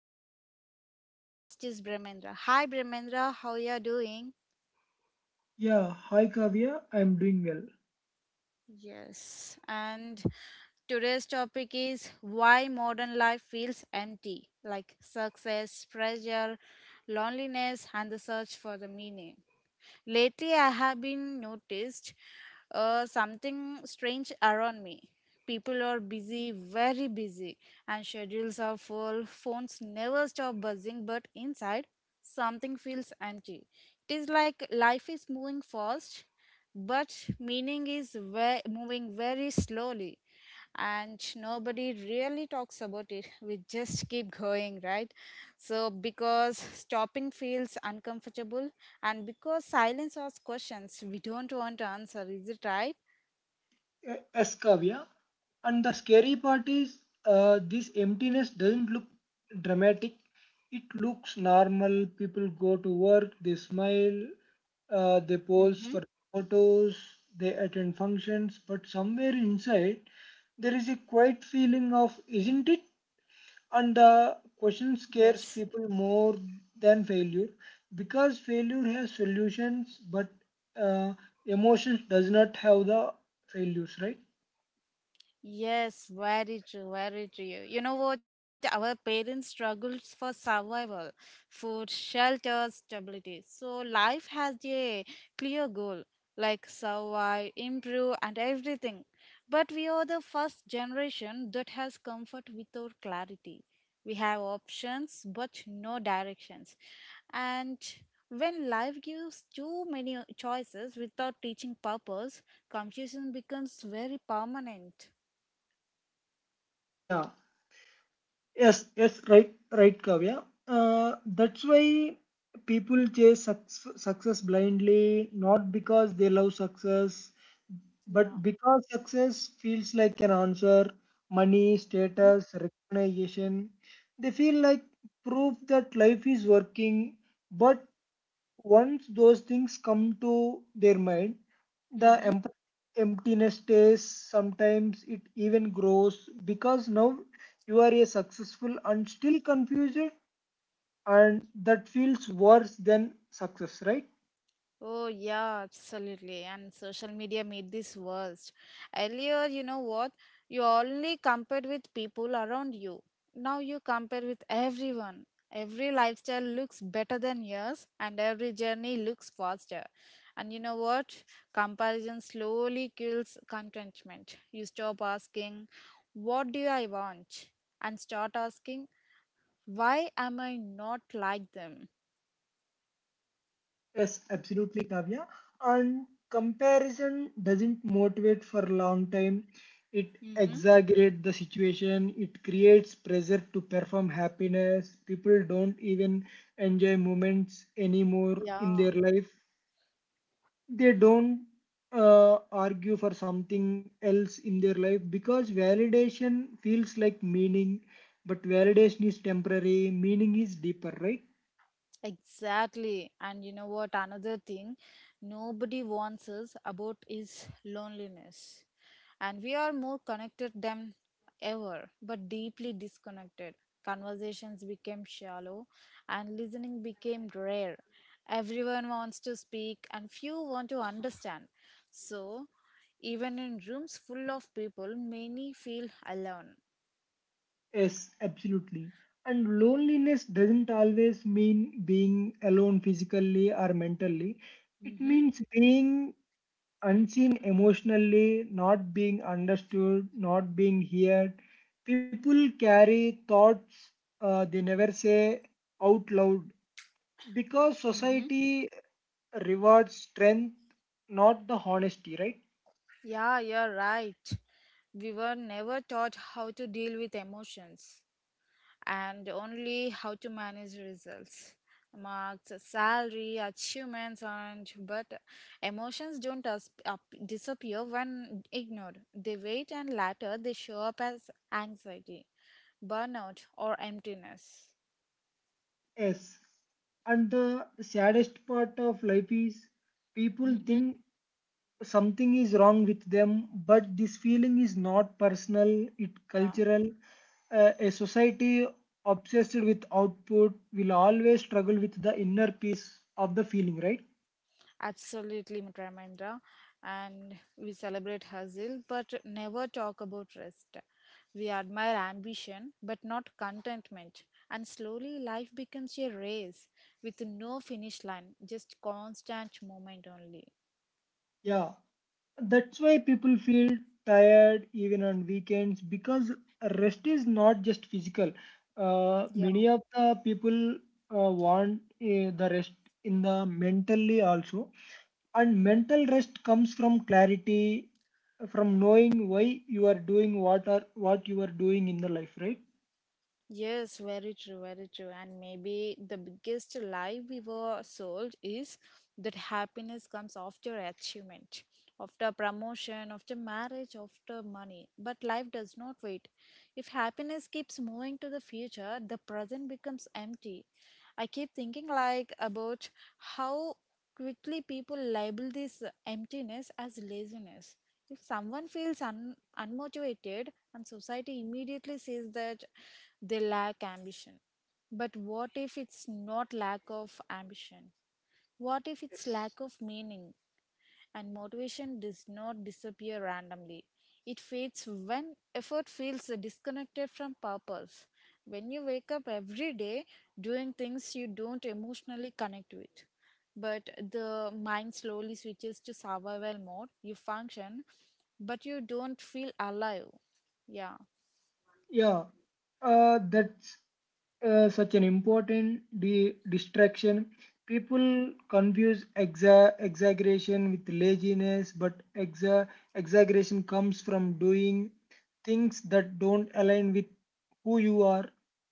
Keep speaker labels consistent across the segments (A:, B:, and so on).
A: Kavya, and the co host is Brahmendra. Hi, Brahmendra. How you are doing?
B: Yeah, hi Kavya, I'm doing well.
A: Yes. And today's topic is why modern life feels empty like success, pressure, loneliness, and the search for the meaning. Lately, I have been noticed something strange around me. People are busy, very busy, and schedules are full. Phones never stop buzzing, but inside, something feels empty. It is like life is moving fast, but meaning is moving very slowly and nobody really talks about it. We just keep going, right? So, because stopping feels uncomfortable, and because silence asks questions we don't want to answer. Is it right?
B: Yes, Kavya. And the scary part is this emptiness doesn't look dramatic. It looks normal. People go to work, they smile, they pose
A: Mm-hmm.
B: for photos, they attend functions, but somewhere inside there is a quiet feeling of, isn't it? And the question scares
A: Yes.
B: people more than failure because failure has solutions, but uh, emotions does not have the failures, right?
A: Yes, very true, very true. You know what? Our parents struggled for survival, food, shelter, stability. So life has a clear goal, like survive, improve, and everything. But we are the first generation that has comfort without clarity. We have options, but no directions. And when life gives too many choices without teaching purpose, confusion becomes very permanent.
B: Yeah. Yes. Yes. Right. Right, Kavya. That's why people chase success blindly, not because they love success, but
A: Yeah.
B: because success feels like an answer, money, status, recognition, they feel like proof that life is working. But once those things come to their mind, the
A: Mm-hmm.
B: emptiness stays. Sometimes it even grows because now you are a successful and still confused, and that feels worse than success, right?
A: Oh, yeah, absolutely. And social media made this worse. Earlier, you know what? You only compared with people around you. Now you compare with everyone. Every lifestyle looks better than yours, and every journey looks faster. And you know what? Comparison slowly kills contentment. You stop asking, what do I want? And start asking, why am I not like them?
B: Yes, absolutely, Kavya. And comparison doesn't motivate for a long time. It
A: Mm-hmm.
B: exaggerates the situation. It creates pressure to perform happiness. People don't even enjoy moments anymore in
A: Yeah.
B: their life. They don't argue for something else in their life because validation feels like meaning, but validation is temporary. Meaning is deeper, right?
A: Exactly. And you know what? Another thing nobody warns us about is loneliness. And we are more connected than ever, but deeply disconnected. Conversations became shallow and listening became rare. Everyone wants to speak and few want to understand. So, even in rooms full of people, many feel alone.
B: Yes, absolutely. And loneliness doesn't always mean being alone physically or mentally. It
A: Mm-hmm.
B: means being unseen emotionally, not being understood, not being heard. People carry thoughts they never say out loud because
A: Mm-hmm.
B: society rewards strength, not the honesty, right?
A: Yeah, you're right. We were never taught how to deal with emotions and only how to manage results. Marks, salary, achievements, and but emotions don't disappear when ignored. They wait, and later they show up as anxiety, burnout, or emptiness.
B: Yes. And the saddest part of life is people
A: Hmm.
B: think something is wrong with them, but this feeling is not personal, it
A: Yeah.
B: cultural. A society obsessed with output will always struggle with the inner peace of the feeling, right?
A: Absolutely, Ramendra. And we celebrate hustle, but never talk about rest. We admire ambition, but not contentment. And slowly, life becomes a race with no finish line, just constant movement only.
B: Yeah, that's why people feel tired even on weekends because rest is not just physical.
A: Yeah.
B: Many of the people want the rest in the mentally also. And mental rest comes from clarity, from knowing why you are doing what you are doing in the life, right?
A: Yes, very true, very true. And maybe the biggest lie we were sold is that happiness comes after achievement, after promotion, after marriage, after money. But life does not wait. If happiness keeps moving to the future, the present becomes empty. I keep thinking like about how quickly people label this emptiness as laziness. If someone feels unmotivated and society immediately says that they lack ambition. But what if it's not lack of ambition? What if it's
B: Yes.
A: lack of meaning? And motivation does not disappear randomly. It fades when effort feels disconnected from purpose. When you wake up every day doing things you don't emotionally connect with. But the mind slowly switches to survival mode. You function, but you don't feel alive. Yeah.
B: Yeah, that's such an important distraction. People confuse exaggeration with laziness, but exaggeration comes from doing things that don't align with who you are.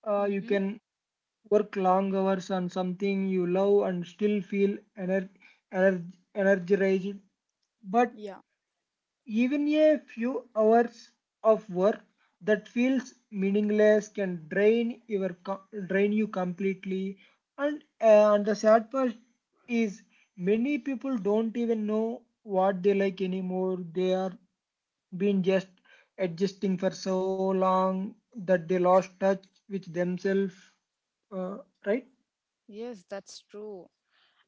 B: You
A: Mm-hmm.
B: can work long hours on something you love and still feel energized. But
A: Yeah.
B: even a few hours of work that feels meaningless can drain you completely. And the sad part is many people don't even know what they like anymore. They are been just adjusting for so long that they lost touch with themselves. Uh, right?
A: Yes, that's true.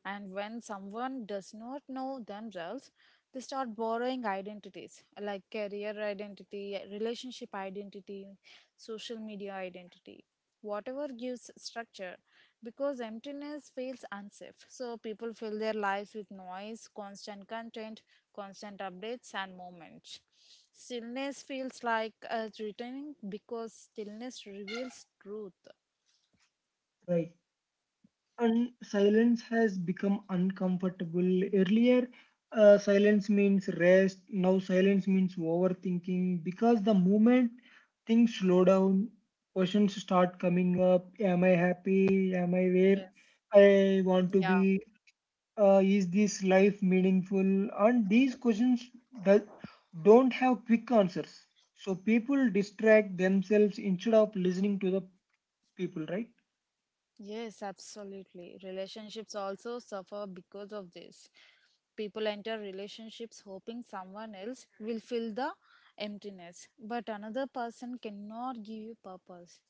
A: And when someone does not know themselves, they start borrowing identities like career identity, relationship identity, social media identity, whatever gives structure because emptiness feels unsafe. So people fill their lives with noise, constant content, constant updates, and moments. Stillness feels like a returning because stillness reveals truth.
B: Right. And silence has become uncomfortable. Earlier, silence means rest. Now, silence means overthinking because the moment things slow down, questions start coming up. Am I happy? Am I where
A: Yes.
B: I want to
A: Yeah.
B: be? Is this life meaningful? And these questions does, don't have quick answers. So people distract themselves instead of listening to the people, right?
A: Yes, absolutely. Relationships also suffer because of this. People enter relationships hoping someone else will fill the emptiness, but another person cannot give you purpose.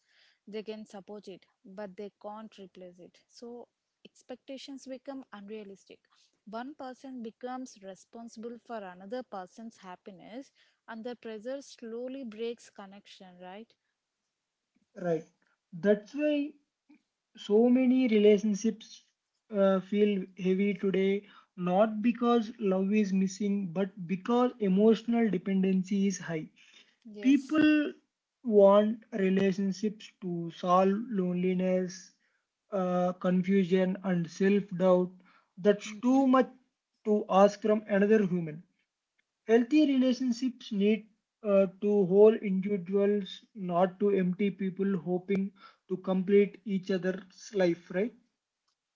A: They can support it, but they can't replace it. So expectations become unrealistic. One person becomes responsible for another person's happiness, and the pressure slowly breaks connection, right?
B: Right. That's why so many relationships feel heavy today, not because love is missing, but because emotional dependency is high.
A: Yes.
B: People want relationships to solve loneliness, confusion and self-doubt. That's too
A: Mm-hmm.
B: much to ask from another human. Healthy relationships need to hold individuals, not to empty people hoping to complete each other's life, right?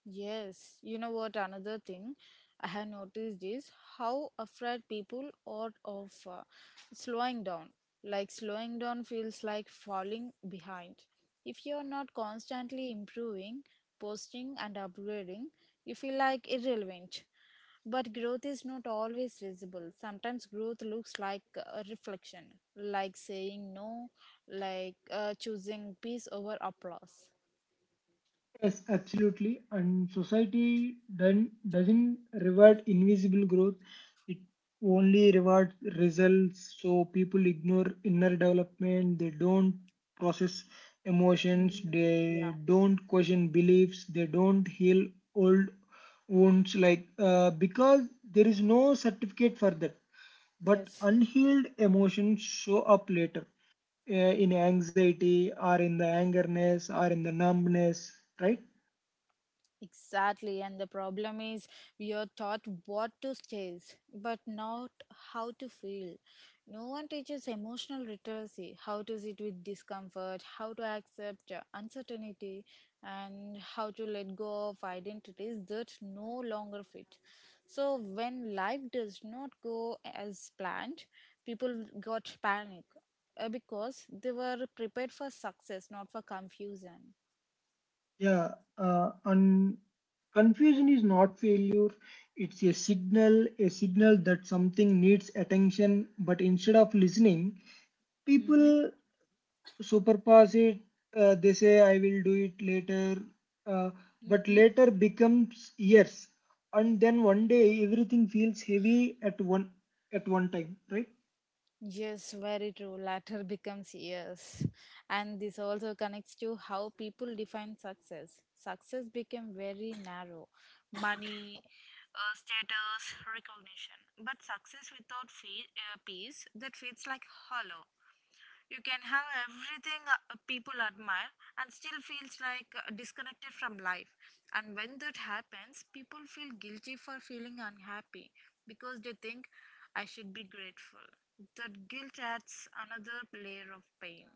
A: Yes, you know what? Another thing I have noticed is how afraid people are of slowing down. Like, slowing down feels like falling behind. If you're not constantly improving, posting, and upgrading, you feel like irrelevant. But growth is not always visible. Sometimes growth looks like a reflection, like saying no, like choosing peace over applause.
B: Yes, absolutely. And society doesn't reward invisible growth, it only rewards results. So people ignore inner development, they don't process emotions,
A: Yeah.
B: they don't question beliefs, they don't heal old wounds, like, because there is no certificate for that. But
A: Yes.
B: unhealed emotions show up later uh, in anxiety or in the angerness or in the numbness, right?
A: Exactly, and the problem is we are taught what to chase, but not how to feel. No one teaches emotional literacy, how to sit with discomfort, how to accept uncertainty, and how to let go of identities that no longer fit. So, when life does not go as planned, people got panic because they were prepared for success, not for confusion.
B: Yeah, and confusion is not failure. It's a signal that something needs attention, but instead of listening,
A: Mm-hmm.
B: people superpass it. They say, I will do it later. Uh, but later becomes years. And then one day, everything feels heavy at one time, right?
A: Yes, very true. Latter becomes yes. And this also connects to how people define success. Success became very narrow money, status, recognition. But success without peace, that feels like hollow. You can have everything people admire and still feels like disconnected from life. And when that happens, people feel guilty for feeling unhappy because they think I should be grateful. That guilt adds another layer of pain.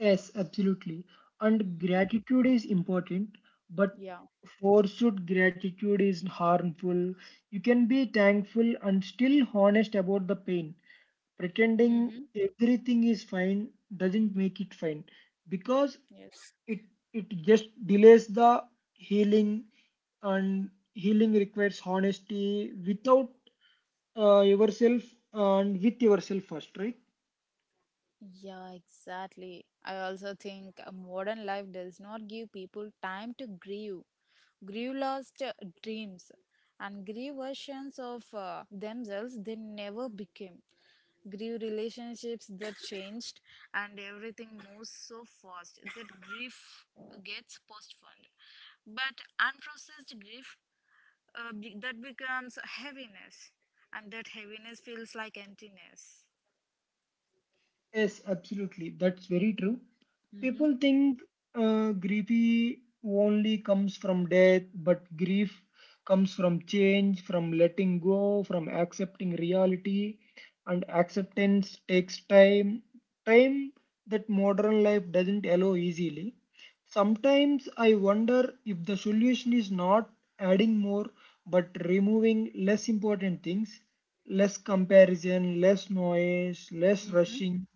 B: Yes, absolutely. And
A: Mm-hmm.
B: gratitude is important, but
A: Yeah.
B: forced gratitude is harmful. You can be thankful and still honest about the pain. Pretending
A: Mm-hmm.
B: everything is fine doesn't make it fine, because
A: Yes.
B: it it just delays the healing, and healing requires honesty without, yourself, and with yourself first, right?
A: Yeah, exactly. I also think a modern life does not give people time to grieve, grieve lost dreams, and grieve versions of themselves they never became, grieve relationships that changed, and everything moves so fast that grief gets postponed. But unprocessed grief that becomes heaviness, and that heaviness feels like emptiness.
B: Yes, absolutely. That's very true.
A: Mm-hmm.
B: People think grief only comes from death, but grief comes from change, from letting go, from accepting reality, and acceptance takes time. Time that modern life doesn't allow easily. Sometimes I wonder if the solution is not adding more, but removing less important things, less comparison, less noise, less rushing,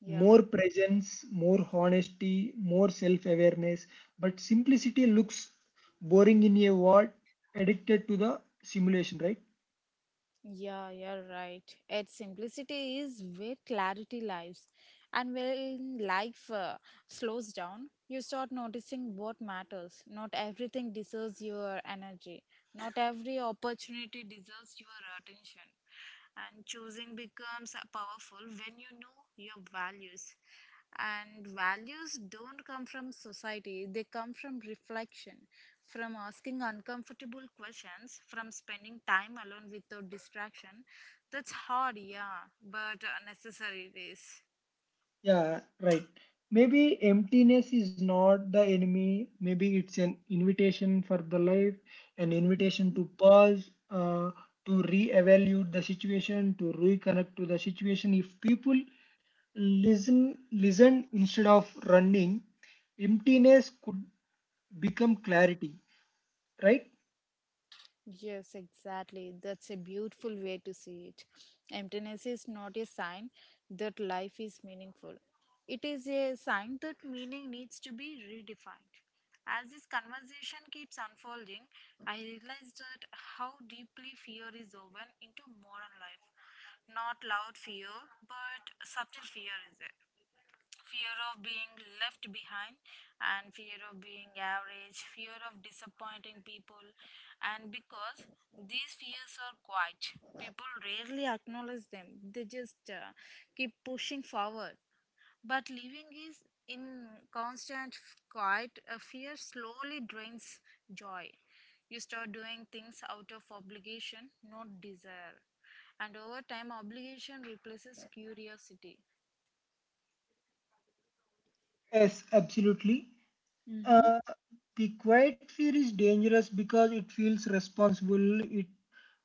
A: Yeah,
B: more presence, more honesty, more self awareness. But simplicity looks boring in a world addicted to the simulation, right?
A: yeah, you're right. Its simplicity is where clarity lies. And when life slows down, you start noticing what matters. Not everything deserves your energy, not every opportunity deserves your attention. And choosing becomes powerful when you know your values. And values don't come from society, they come from reflection, from asking uncomfortable questions, from spending time alone without distraction. That's hard, yeah, but necessary it is.
B: Yeah, right. Maybe emptiness is not the enemy. Maybe it's an invitation for the life, an invitation to pause, to re-evaluate the situation, to reconnect to the situation. If people listen instead of running, emptiness could become clarity, right?
A: Yes, exactly. That's a beautiful way to see it. Emptiness is not a sign that life is meaningful. It is a sign that meaning needs to be redefined. As this conversation keeps unfolding, I realize that how deeply fear is woven into modern life. Not loud fear, but subtle fear is there, fear of being left behind, and fear of being average, fear of disappointing people. And because these fears are quiet, people rarely acknowledge them. They just keep pushing forward. But living is in constant quiet a fear slowly drains joy. You start doing things out of obligation, not desire, and over time obligation replaces curiosity.
B: Yes, absolutely.
A: Mm-hmm.
B: Uh, the quiet fear is dangerous because it feels responsible. It,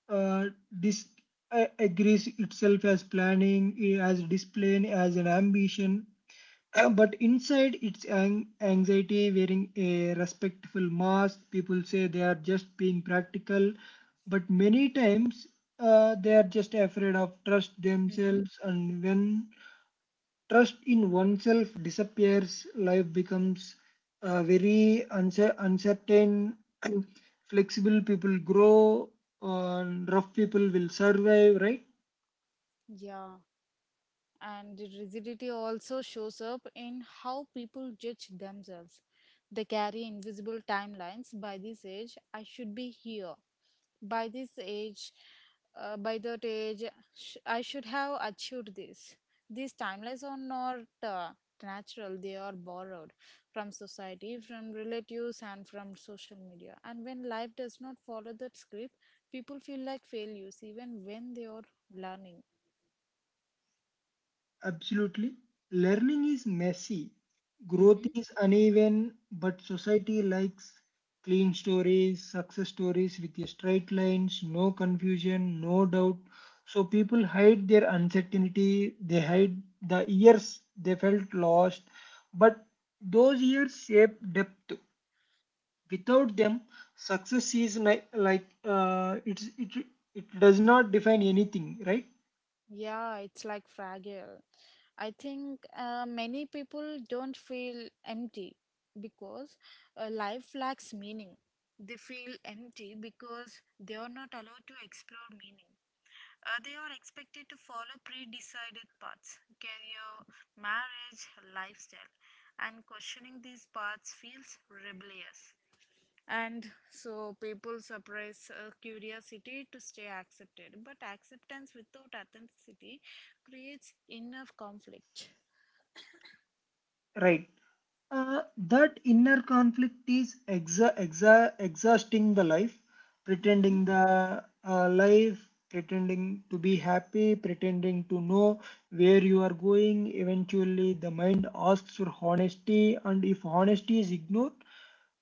B: uh, dis- agrees itself as planning, as discipline, as an ambition. But inside, it's an anxiety wearing a respectful mask. People say they are just being practical, but many times they are just afraid of trust themselves. And when trust in oneself disappears, life becomes very uncertain. Flexible people grow, rough people will survive, right?
A: Yeah, and the rigidity also shows up in how people judge themselves. They carry invisible timelines. By this age, I should be here. By this age, by that age, I should have achieved this. These timelines are not natural, they are borrowed from society, from relatives, and from social media. And when life does not follow that script, people feel like failures even when they are learning.
B: Absolutely. Learning is messy, growth is uneven, but society likes clean stories, success stories with straight lines, no confusion, no doubt. So people hide their uncertainty, they hide the years they felt lost, but those years shape depth. Without them, success is like, it does not define anything, right?
A: Yeah, it's like fragile. I think many people don't feel empty because life lacks meaning. They feel empty because they are not allowed to explore meaning. They are expected to follow pre decided paths career, marriage, lifestyle, and questioning these paths feels rebellious. And so people suppress curiosity to stay accepted, but acceptance without authenticity creates enough conflict.
B: Right. That inner conflict is exhausting
A: Mm-hmm.
B: the life, pretending to be happy, pretending to know where you are going. Eventually, the mind asks for honesty, and if honesty is ignored,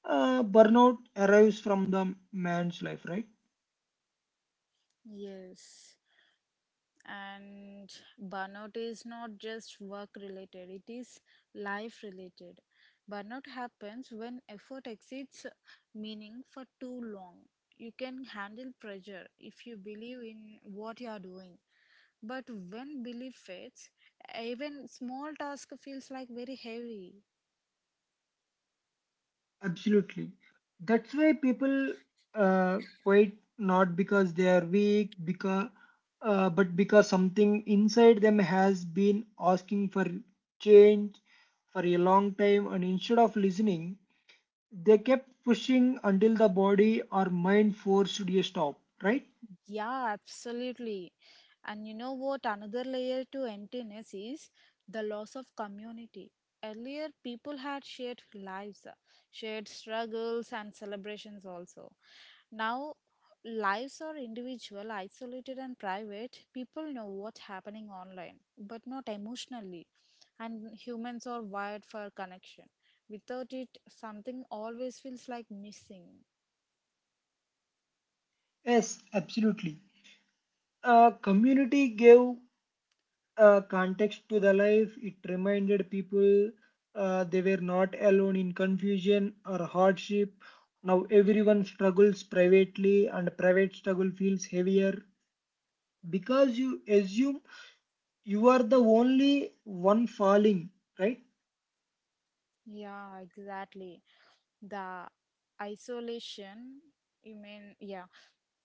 B: burnout arrives from the man's life, right?
A: Yes. And burnout is not just work related, it is life related. Burnout happens when effort exceeds meaning for too long. You can handle pressure if you believe in what you are doing. But when belief fades, even small task feels like very heavy.
B: Absolutely. That's why people quit, not because they are weak, because but because something inside them has been asking for change for a long time, and instead of listening, they kept pushing until the body or mind forced to a stop, right?
A: Yeah, absolutely. And you know what? Another layer to emptiness is the loss of community. Earlier, people had shared lives, shared struggles, and celebrations also. Now, lives are individual, isolated, and private. People know what's happening online, but not emotionally. And humans are wired for connection. Without it, something always feels like missing.
B: Yes, absolutely. Community gave context to the life. It reminded people they were not alone in confusion or hardship. Now everyone struggles privately, and private struggle feels heavier because you assume you are the only one falling, right?
A: Yeah, exactly. The isolation, you mean, yeah,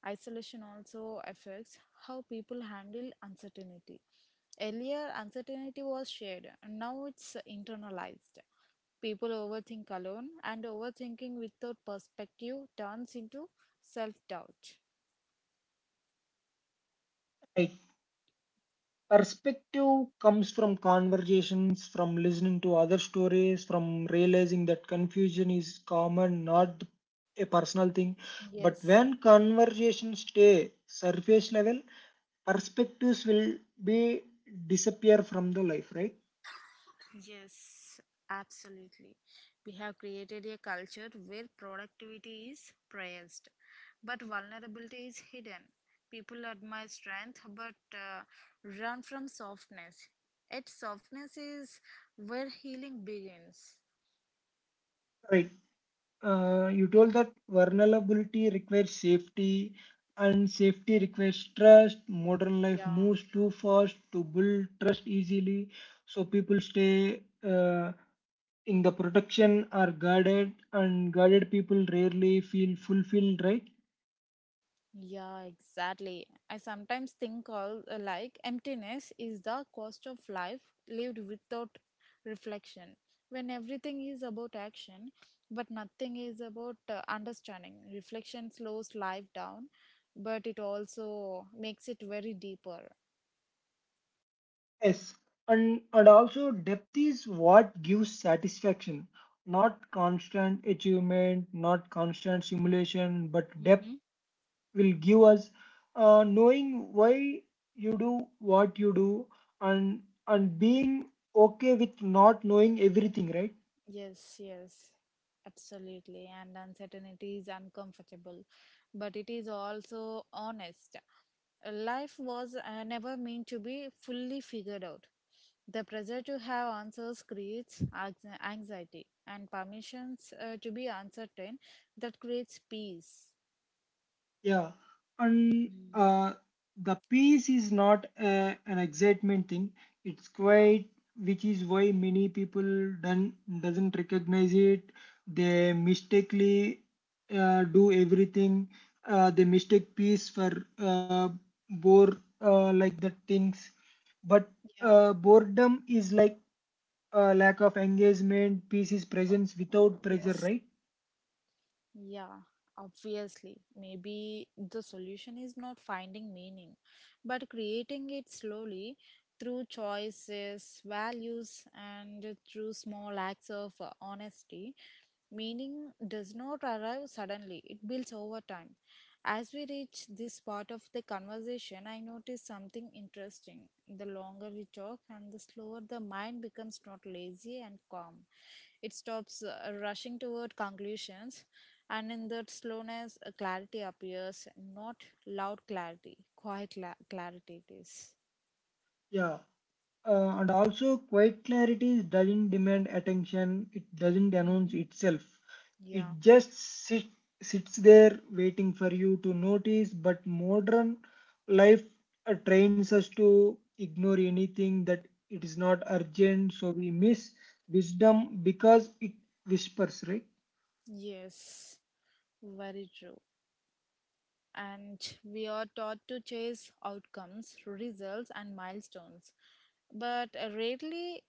A: isolation also affects how people handle uncertainty. Earlier, uncertainty was shared, and now it's internalized. People overthink alone, and overthinking without perspective turns into self doubt.
B: Right. Perspective comes from conversations, from listening to other stories, from realizing that confusion is common, not a personal thing. But
A: Yes.
B: when conversations stay surface level, perspectives will be disappear from the life, right?
A: Yes, absolutely. We have created a culture where productivity is praised, but vulnerability is hidden. People admire strength but run from softness. Yet, softness is where healing begins.
B: Right. You told that vulnerability requires safety, and safety requires trust. Modern life
A: Yeah.
B: moves too fast to build trust easily, so people stay Uh, in the protection, are guarded, and guarded people rarely feel fulfilled, right?
A: Yeah, exactly. I sometimes think all like emptiness is the cost of life lived without reflection. When everything is about action, but nothing is about understanding. Reflection slows life down, but it also makes it very deeper.
B: Yes, and also, depth is what gives satisfaction, not constant achievement, not constant simulation, but depth
A: Mhm.
B: will give us, knowing why you do what you do, and and being okay with not knowing everything, right?
A: Yes, yes, absolutely. And uncertainty is uncomfortable, but it is also honest. Life was never meant to be fully figured out. The pressure to have answers creates anxiety, and permissions to be uncertain that creates peace.
B: Yeah, and
A: Mm.
B: the peace is not an excitement thing. It's
A: Yeah,
B: quite, which is why many people done doesn't recognize it. They mistakenly do everything. They mistake peace for uh, bore like the things. But
A: yeah,
B: boredom is like lack of engagement. Peace is presence without pressure,
A: yes,
B: right?
A: yeah, obviously. Maybe the solution is not finding meaning, but creating it slowly through choices, values, and through small acts of honesty. Meaning does not arrive suddenly, it builds over time. As we reach this part of the conversation, I noticed something interesting. The longer we talk and the slower the mind becomes not lazy and calm. It stops rushing toward conclusions and in that slowness, a clarity appears, not loud clarity, quiet clarity it is.
B: Yeah. And also, quiet clarity doesn't demand attention, it doesn't announce
A: Hmm.
B: itself.
A: Yeah,
B: It just sits there waiting for you to notice. But modern life trains us to ignore anything that it is not urgent, so we miss wisdom because it whispers, right?
A: yes, very true. And we are taught to chase outcomes, results, and milestones. But rarely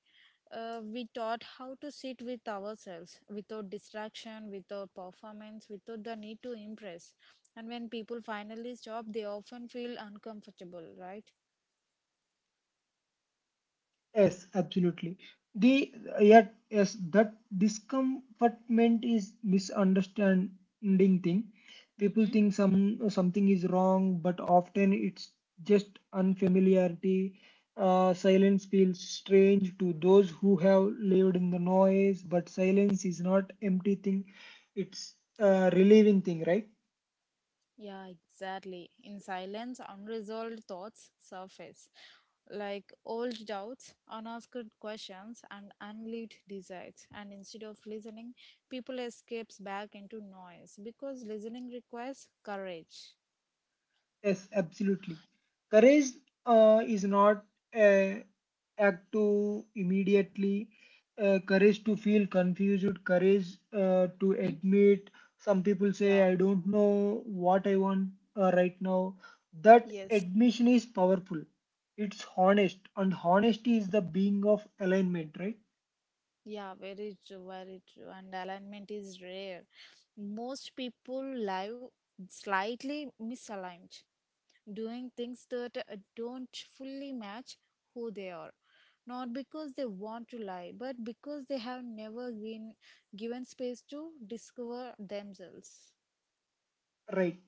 A: we taught how to sit with ourselves without distraction, without performance, without the need to impress. And when people finally stop, they often feel uncomfortable, right?
B: Yes, absolutely. The yet yes, that discomfortment is misunderstanding thing. People
A: hmm
B: think something is wrong, but often it's just unfamiliarity. Silence feels strange to those who have lived in the noise, but silence is not empty thing. It's a
A: Yeah.
B: relieving thing, right?
A: Yeah, exactly. In silence, unresolved thoughts surface, like old doubts, unasked questions, and unlived desires. And instead of listening, people escapes back into noise because listening requires courage.
B: Yes, absolutely. Courage is not a act to immediately, courage to feel confused, courage to
A: Hmm?
B: admit. Some people say,
A: Yeah.
B: I don't know what I want right now. That
A: Yes.
B: admission is powerful. It's honest, and honesty is the being of alignment, right?
A: Yeah, very true, very true. And alignment is rare. Most people live slightly misaligned, doing things that don't fully match who they are. Not because they want to lie, but because they have never been given space to discover themselves.
B: Right.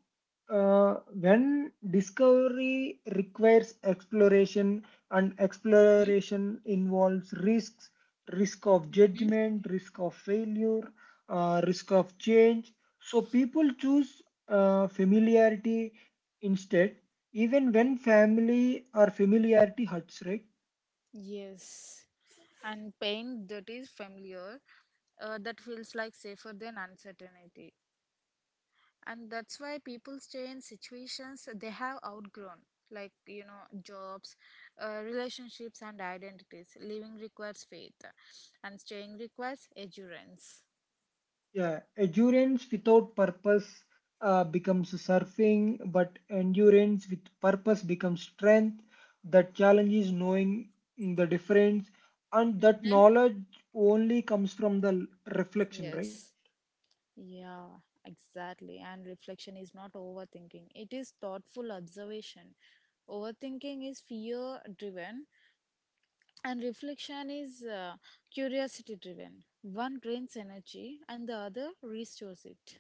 B: When discovery requires exploration, and exploration involves risk of
A: Mm-hmm.
B: judgment, risk of failure, risk of change. So people choose familiarity instead, even when family or familiarity hurts, right?
A: Yes, and pain that is familiar, that feels like safer than uncertainty. And that's why people stay in situations they have outgrown, like you know jobs, relationships and identities. Living requires faith and staying requires endurance.
B: Yeah, endurance without purpose becomes surfing, but endurance with purpose becomes strength. The challenge is knowing the difference, and that
A: Mm-hmm.
B: knowledge only comes from the reflection, right?
A: Yes. Yeah, exactly. And reflection is not overthinking, it is thoughtful observation. Overthinking is fear driven, and reflection is curiosity driven. One drains energy, and the other restores it.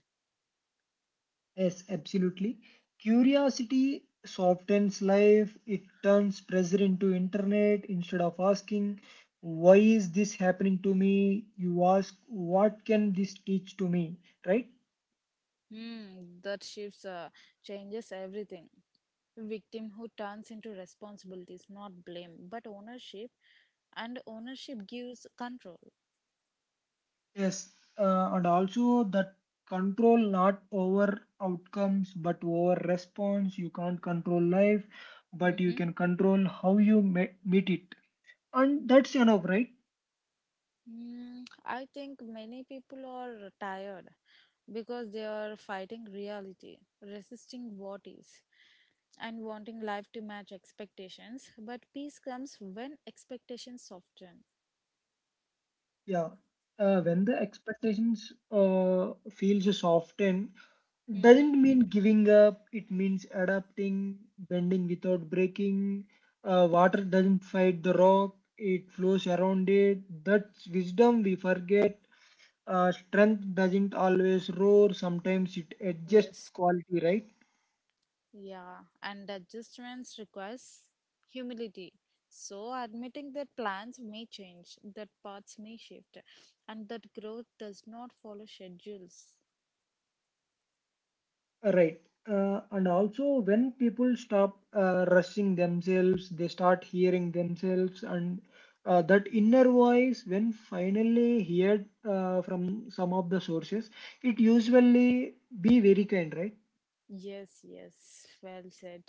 B: Yes, absolutely. Curiosity softens life, it turns pressure into internet. Instead of asking, why is this happening to me? You ask, what can this teach to me, right?
A: Hmm, that shifts changes everything. Victim who turns into responsibilities, not blame, but ownership, and ownership gives control.
B: Yes, and also that control not over outcomes, but over response. You can't control life, but you
A: Mm-hmm.
B: can control how you meet it. And that's enough, right?
A: Mm, I think many people are tired because they are fighting reality, resisting what is, and wanting life to match expectations. But peace comes when expectations soften.
B: Yeah. When the expectations feels softened,
A: Mm-hmm.
B: doesn't mean giving up. It means adapting, bending without breaking. Water doesn't fight the rock; it flows around it. That's wisdom we forget. Strength doesn't always roar, sometimes it adjusts
A: Yes.
B: quality, right?
A: Yeah, and adjustments requires humility. So, admitting that plans may change, that paths may shift, and that growth does not follow schedules.
B: Right. And also, when people stop rushing themselves, they start hearing themselves, and that inner voice, when finally heard from some of the sources, it usually be very kind, right
A: Yes, yes, well said.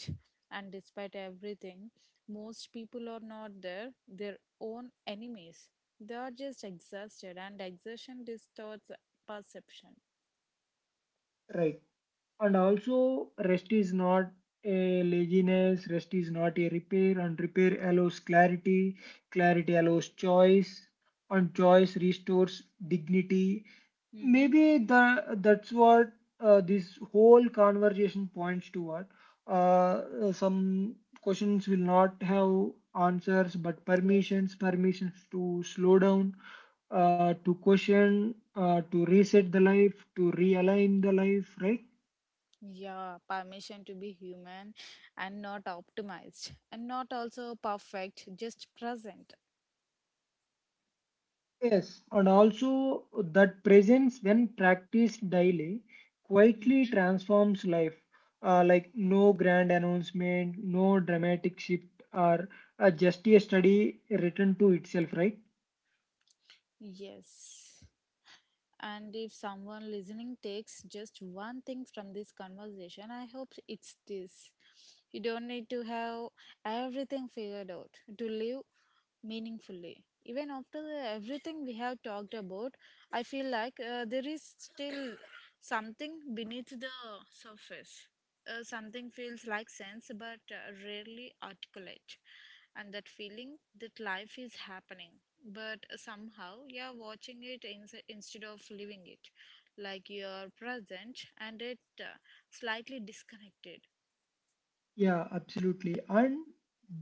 A: And despite everything, most people are not their own enemies. They are just exhausted, and exhaustion distorts perception.
B: right And also, rest is not a laziness, rest is not a repair, and repair allows clarity, clarity allows choice, and choice restores dignity.
A: Mm-hmm.
B: Maybe that's what this whole conversation points toward. Some questions will not have answers, but
A: Yes.
B: permissions, permissions to slow down, to question, to reset the life, to realign the life, right?
A: Yeah, permission to be human and not optimized and not also perfect, just present.
B: Yes, and also that presence, when practiced daily, quietly
A: Mhm.
B: transforms life. Like no grand announcement, no dramatic shift, or just a study written to itself, right?
A: Yes. And if someone listening takes just one thing from this conversation, I hope it's this. You don't need to have everything figured out to live meaningfully. Even after everything we have talked about, I feel like there is still something beneath the surface. Something feels like sense but rarely articulate, and that feeling that life is happening but somehow you're watching it instead of living it, like you're present and it slightly disconnected.
B: Yeah, absolutely. And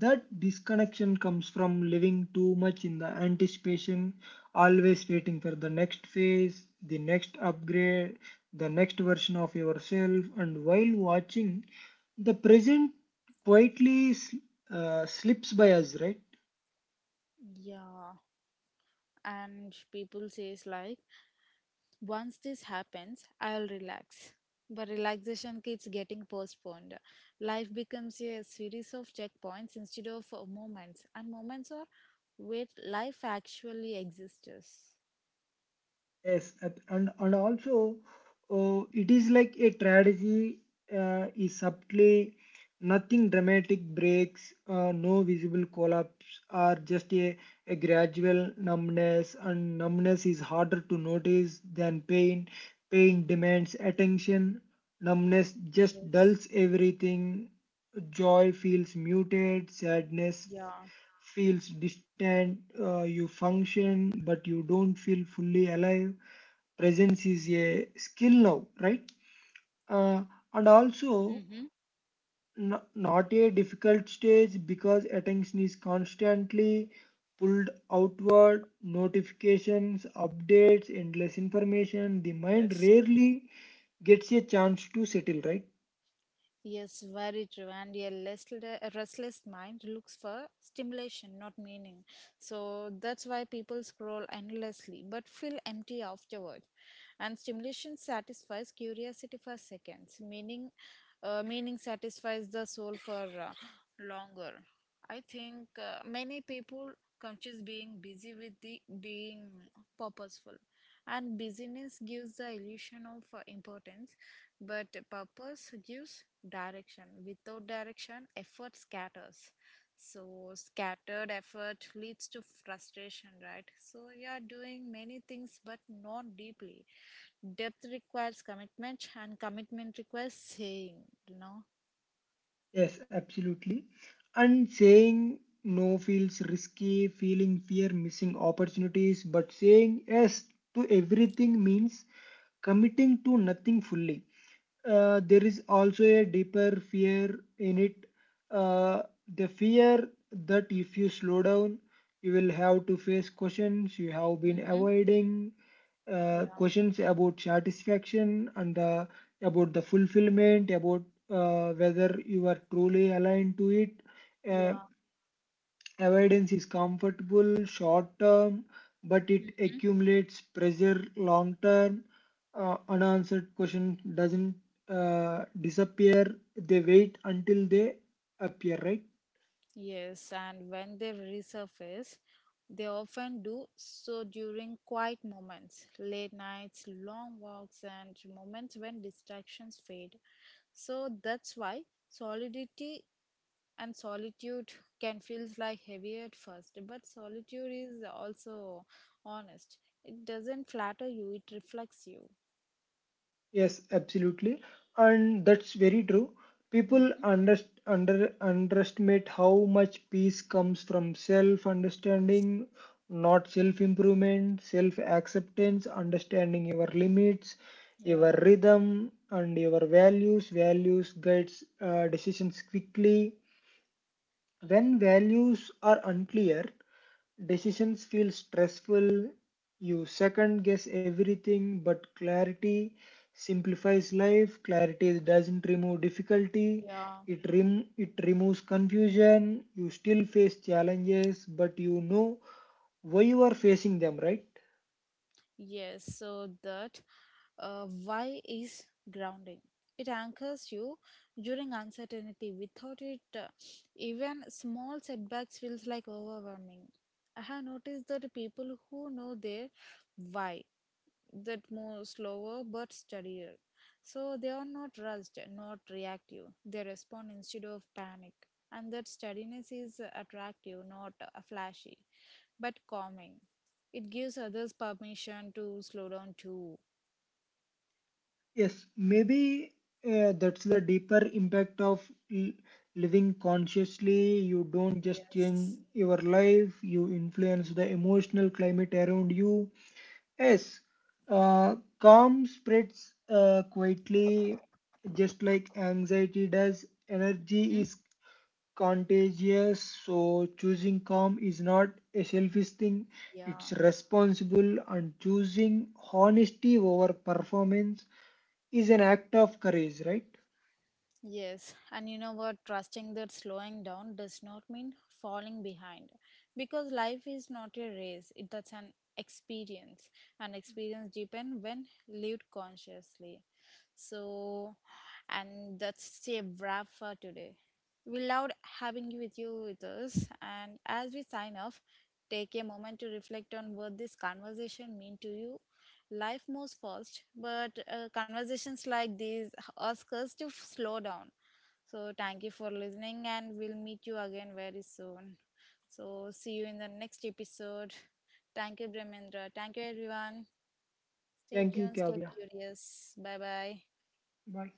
B: that disconnection comes from living too much in the anticipation, always waiting for the next phase, the next upgrade, the next version of yourself. And while watching, the present quietly slips by us, right?
A: Yeah, and people says like once this happens, I'll relax. But relaxation keeps getting postponed. Life becomes a series of checkpoints instead of moments, and moments are where life actually exists.
B: Yes, and also, it
A: Mhm.
B: is like a tragedy is subtly. Nothing dramatic breaks, no visible collapse, or just a gradual numbness, and numbness is harder to notice than pain. Pain demands attention, numbness just
A: Yes.
B: dulls everything. Joy feels muted, sadness
A: Yeah.
B: feels distant. You function, but you don't feel fully alive. Presence is a skill now, right? Uh, and also,
A: Mm-hmm.
B: not a difficult stage because attention is constantly pulled outward, notifications, updates, endless information. The mind
A: Yes.
B: rarely gets a chance to settle, right?
A: Yes, very true. And a restless mind looks for stimulation, not meaning. So that's why people scroll endlessly but feel empty afterward. And stimulation satisfies curiosity for seconds. Meaning satisfies the soul for longer. I think many people confuse being busy with the being purposeful, and busyness gives the illusion of importance. But purpose gives direction. Without direction, effort scatters. So, scattered effort leads to frustration, right? So, you are doing many things but not deeply. Depth requires commitment, and commitment requires saying, you know?
B: Yes, absolutely. And saying no feels risky, feeling fear, missing opportunities, but saying yes to everything means committing to nothing fully. There is also a deeper fear in it. Uh, the fear that if you slow down, you will have to face questions you have been
A: Mm-hmm.
B: avoiding,
A: Yeah,
B: questions about satisfaction and about the fulfillment, about whether you are truly aligned to it. Uh,
A: yeah.
B: Avoidance is comfortable short term, but it accumulates pressure long term. Unanswered question doesn't disappear. They wait until they appear, right?
A: Yes, and when they resurface, they often do so during quiet moments, late nights, long walks, and moments when distractions fade. So that's why solidity and solitude can feel like heavy at first, but solitude is also honest. It doesn't flatter you, it reflects you.
B: Yes, absolutely. And that's very true. People
A: Mm-hmm.
B: underestimate how much peace comes from self
A: Yes.
B: understanding, not self improvement, self acceptance, understanding your limits, your
A: Yeah.
B: rhythm, and your values. Values guides decisions quickly. When values are unclear, decisions feel stressful, you second guess everything, but clarity simplifies life. Clarity doesn't remove difficulty,
A: Yeah.
B: it removes confusion. You still face challenges, but you know why you are facing them, right?
A: Yes, so that why is grounding? It anchors you during uncertainty. Without it, even small setbacks feels like overwhelming. I have noticed that people who know their why that more slower but steadier. So they are not rushed, not reactive. They respond instead of panic. And that steadiness is attractive, not flashy, but calming. It gives others permission to slow down too.
B: Yes, maybe that's the deeper impact of l- living consciously. You don't just change
A: Yes.
B: your life, you influence the emotional climate around you. Yes, calm spreads quietly, just like anxiety does. Energy
A: Mhm.
B: is contagious, so choosing calm is not a selfish thing,
A: Yeah.
B: it's responsible, and choosing honesty over performance is an act of courage, right?
A: Yes, and you know what? Trusting that slowing down does not mean falling behind, because life is not a race, it, that's an experience, and experience deepen when lived consciously. So, and that's a wrap for today. We loved having you with us, and as we sign off, take a moment to reflect on what this conversation mean to you. Life moves fast, but conversations like these Oscars to slow down. So, thank you for listening, and we'll meet you again very soon. So, see you in the next episode. Thank you, Bremendra. Thank you, everyone. Stay
B: Thank you,
A: tuned, stay
B: Kavya.
A: curious. Bye bye.
B: Bye.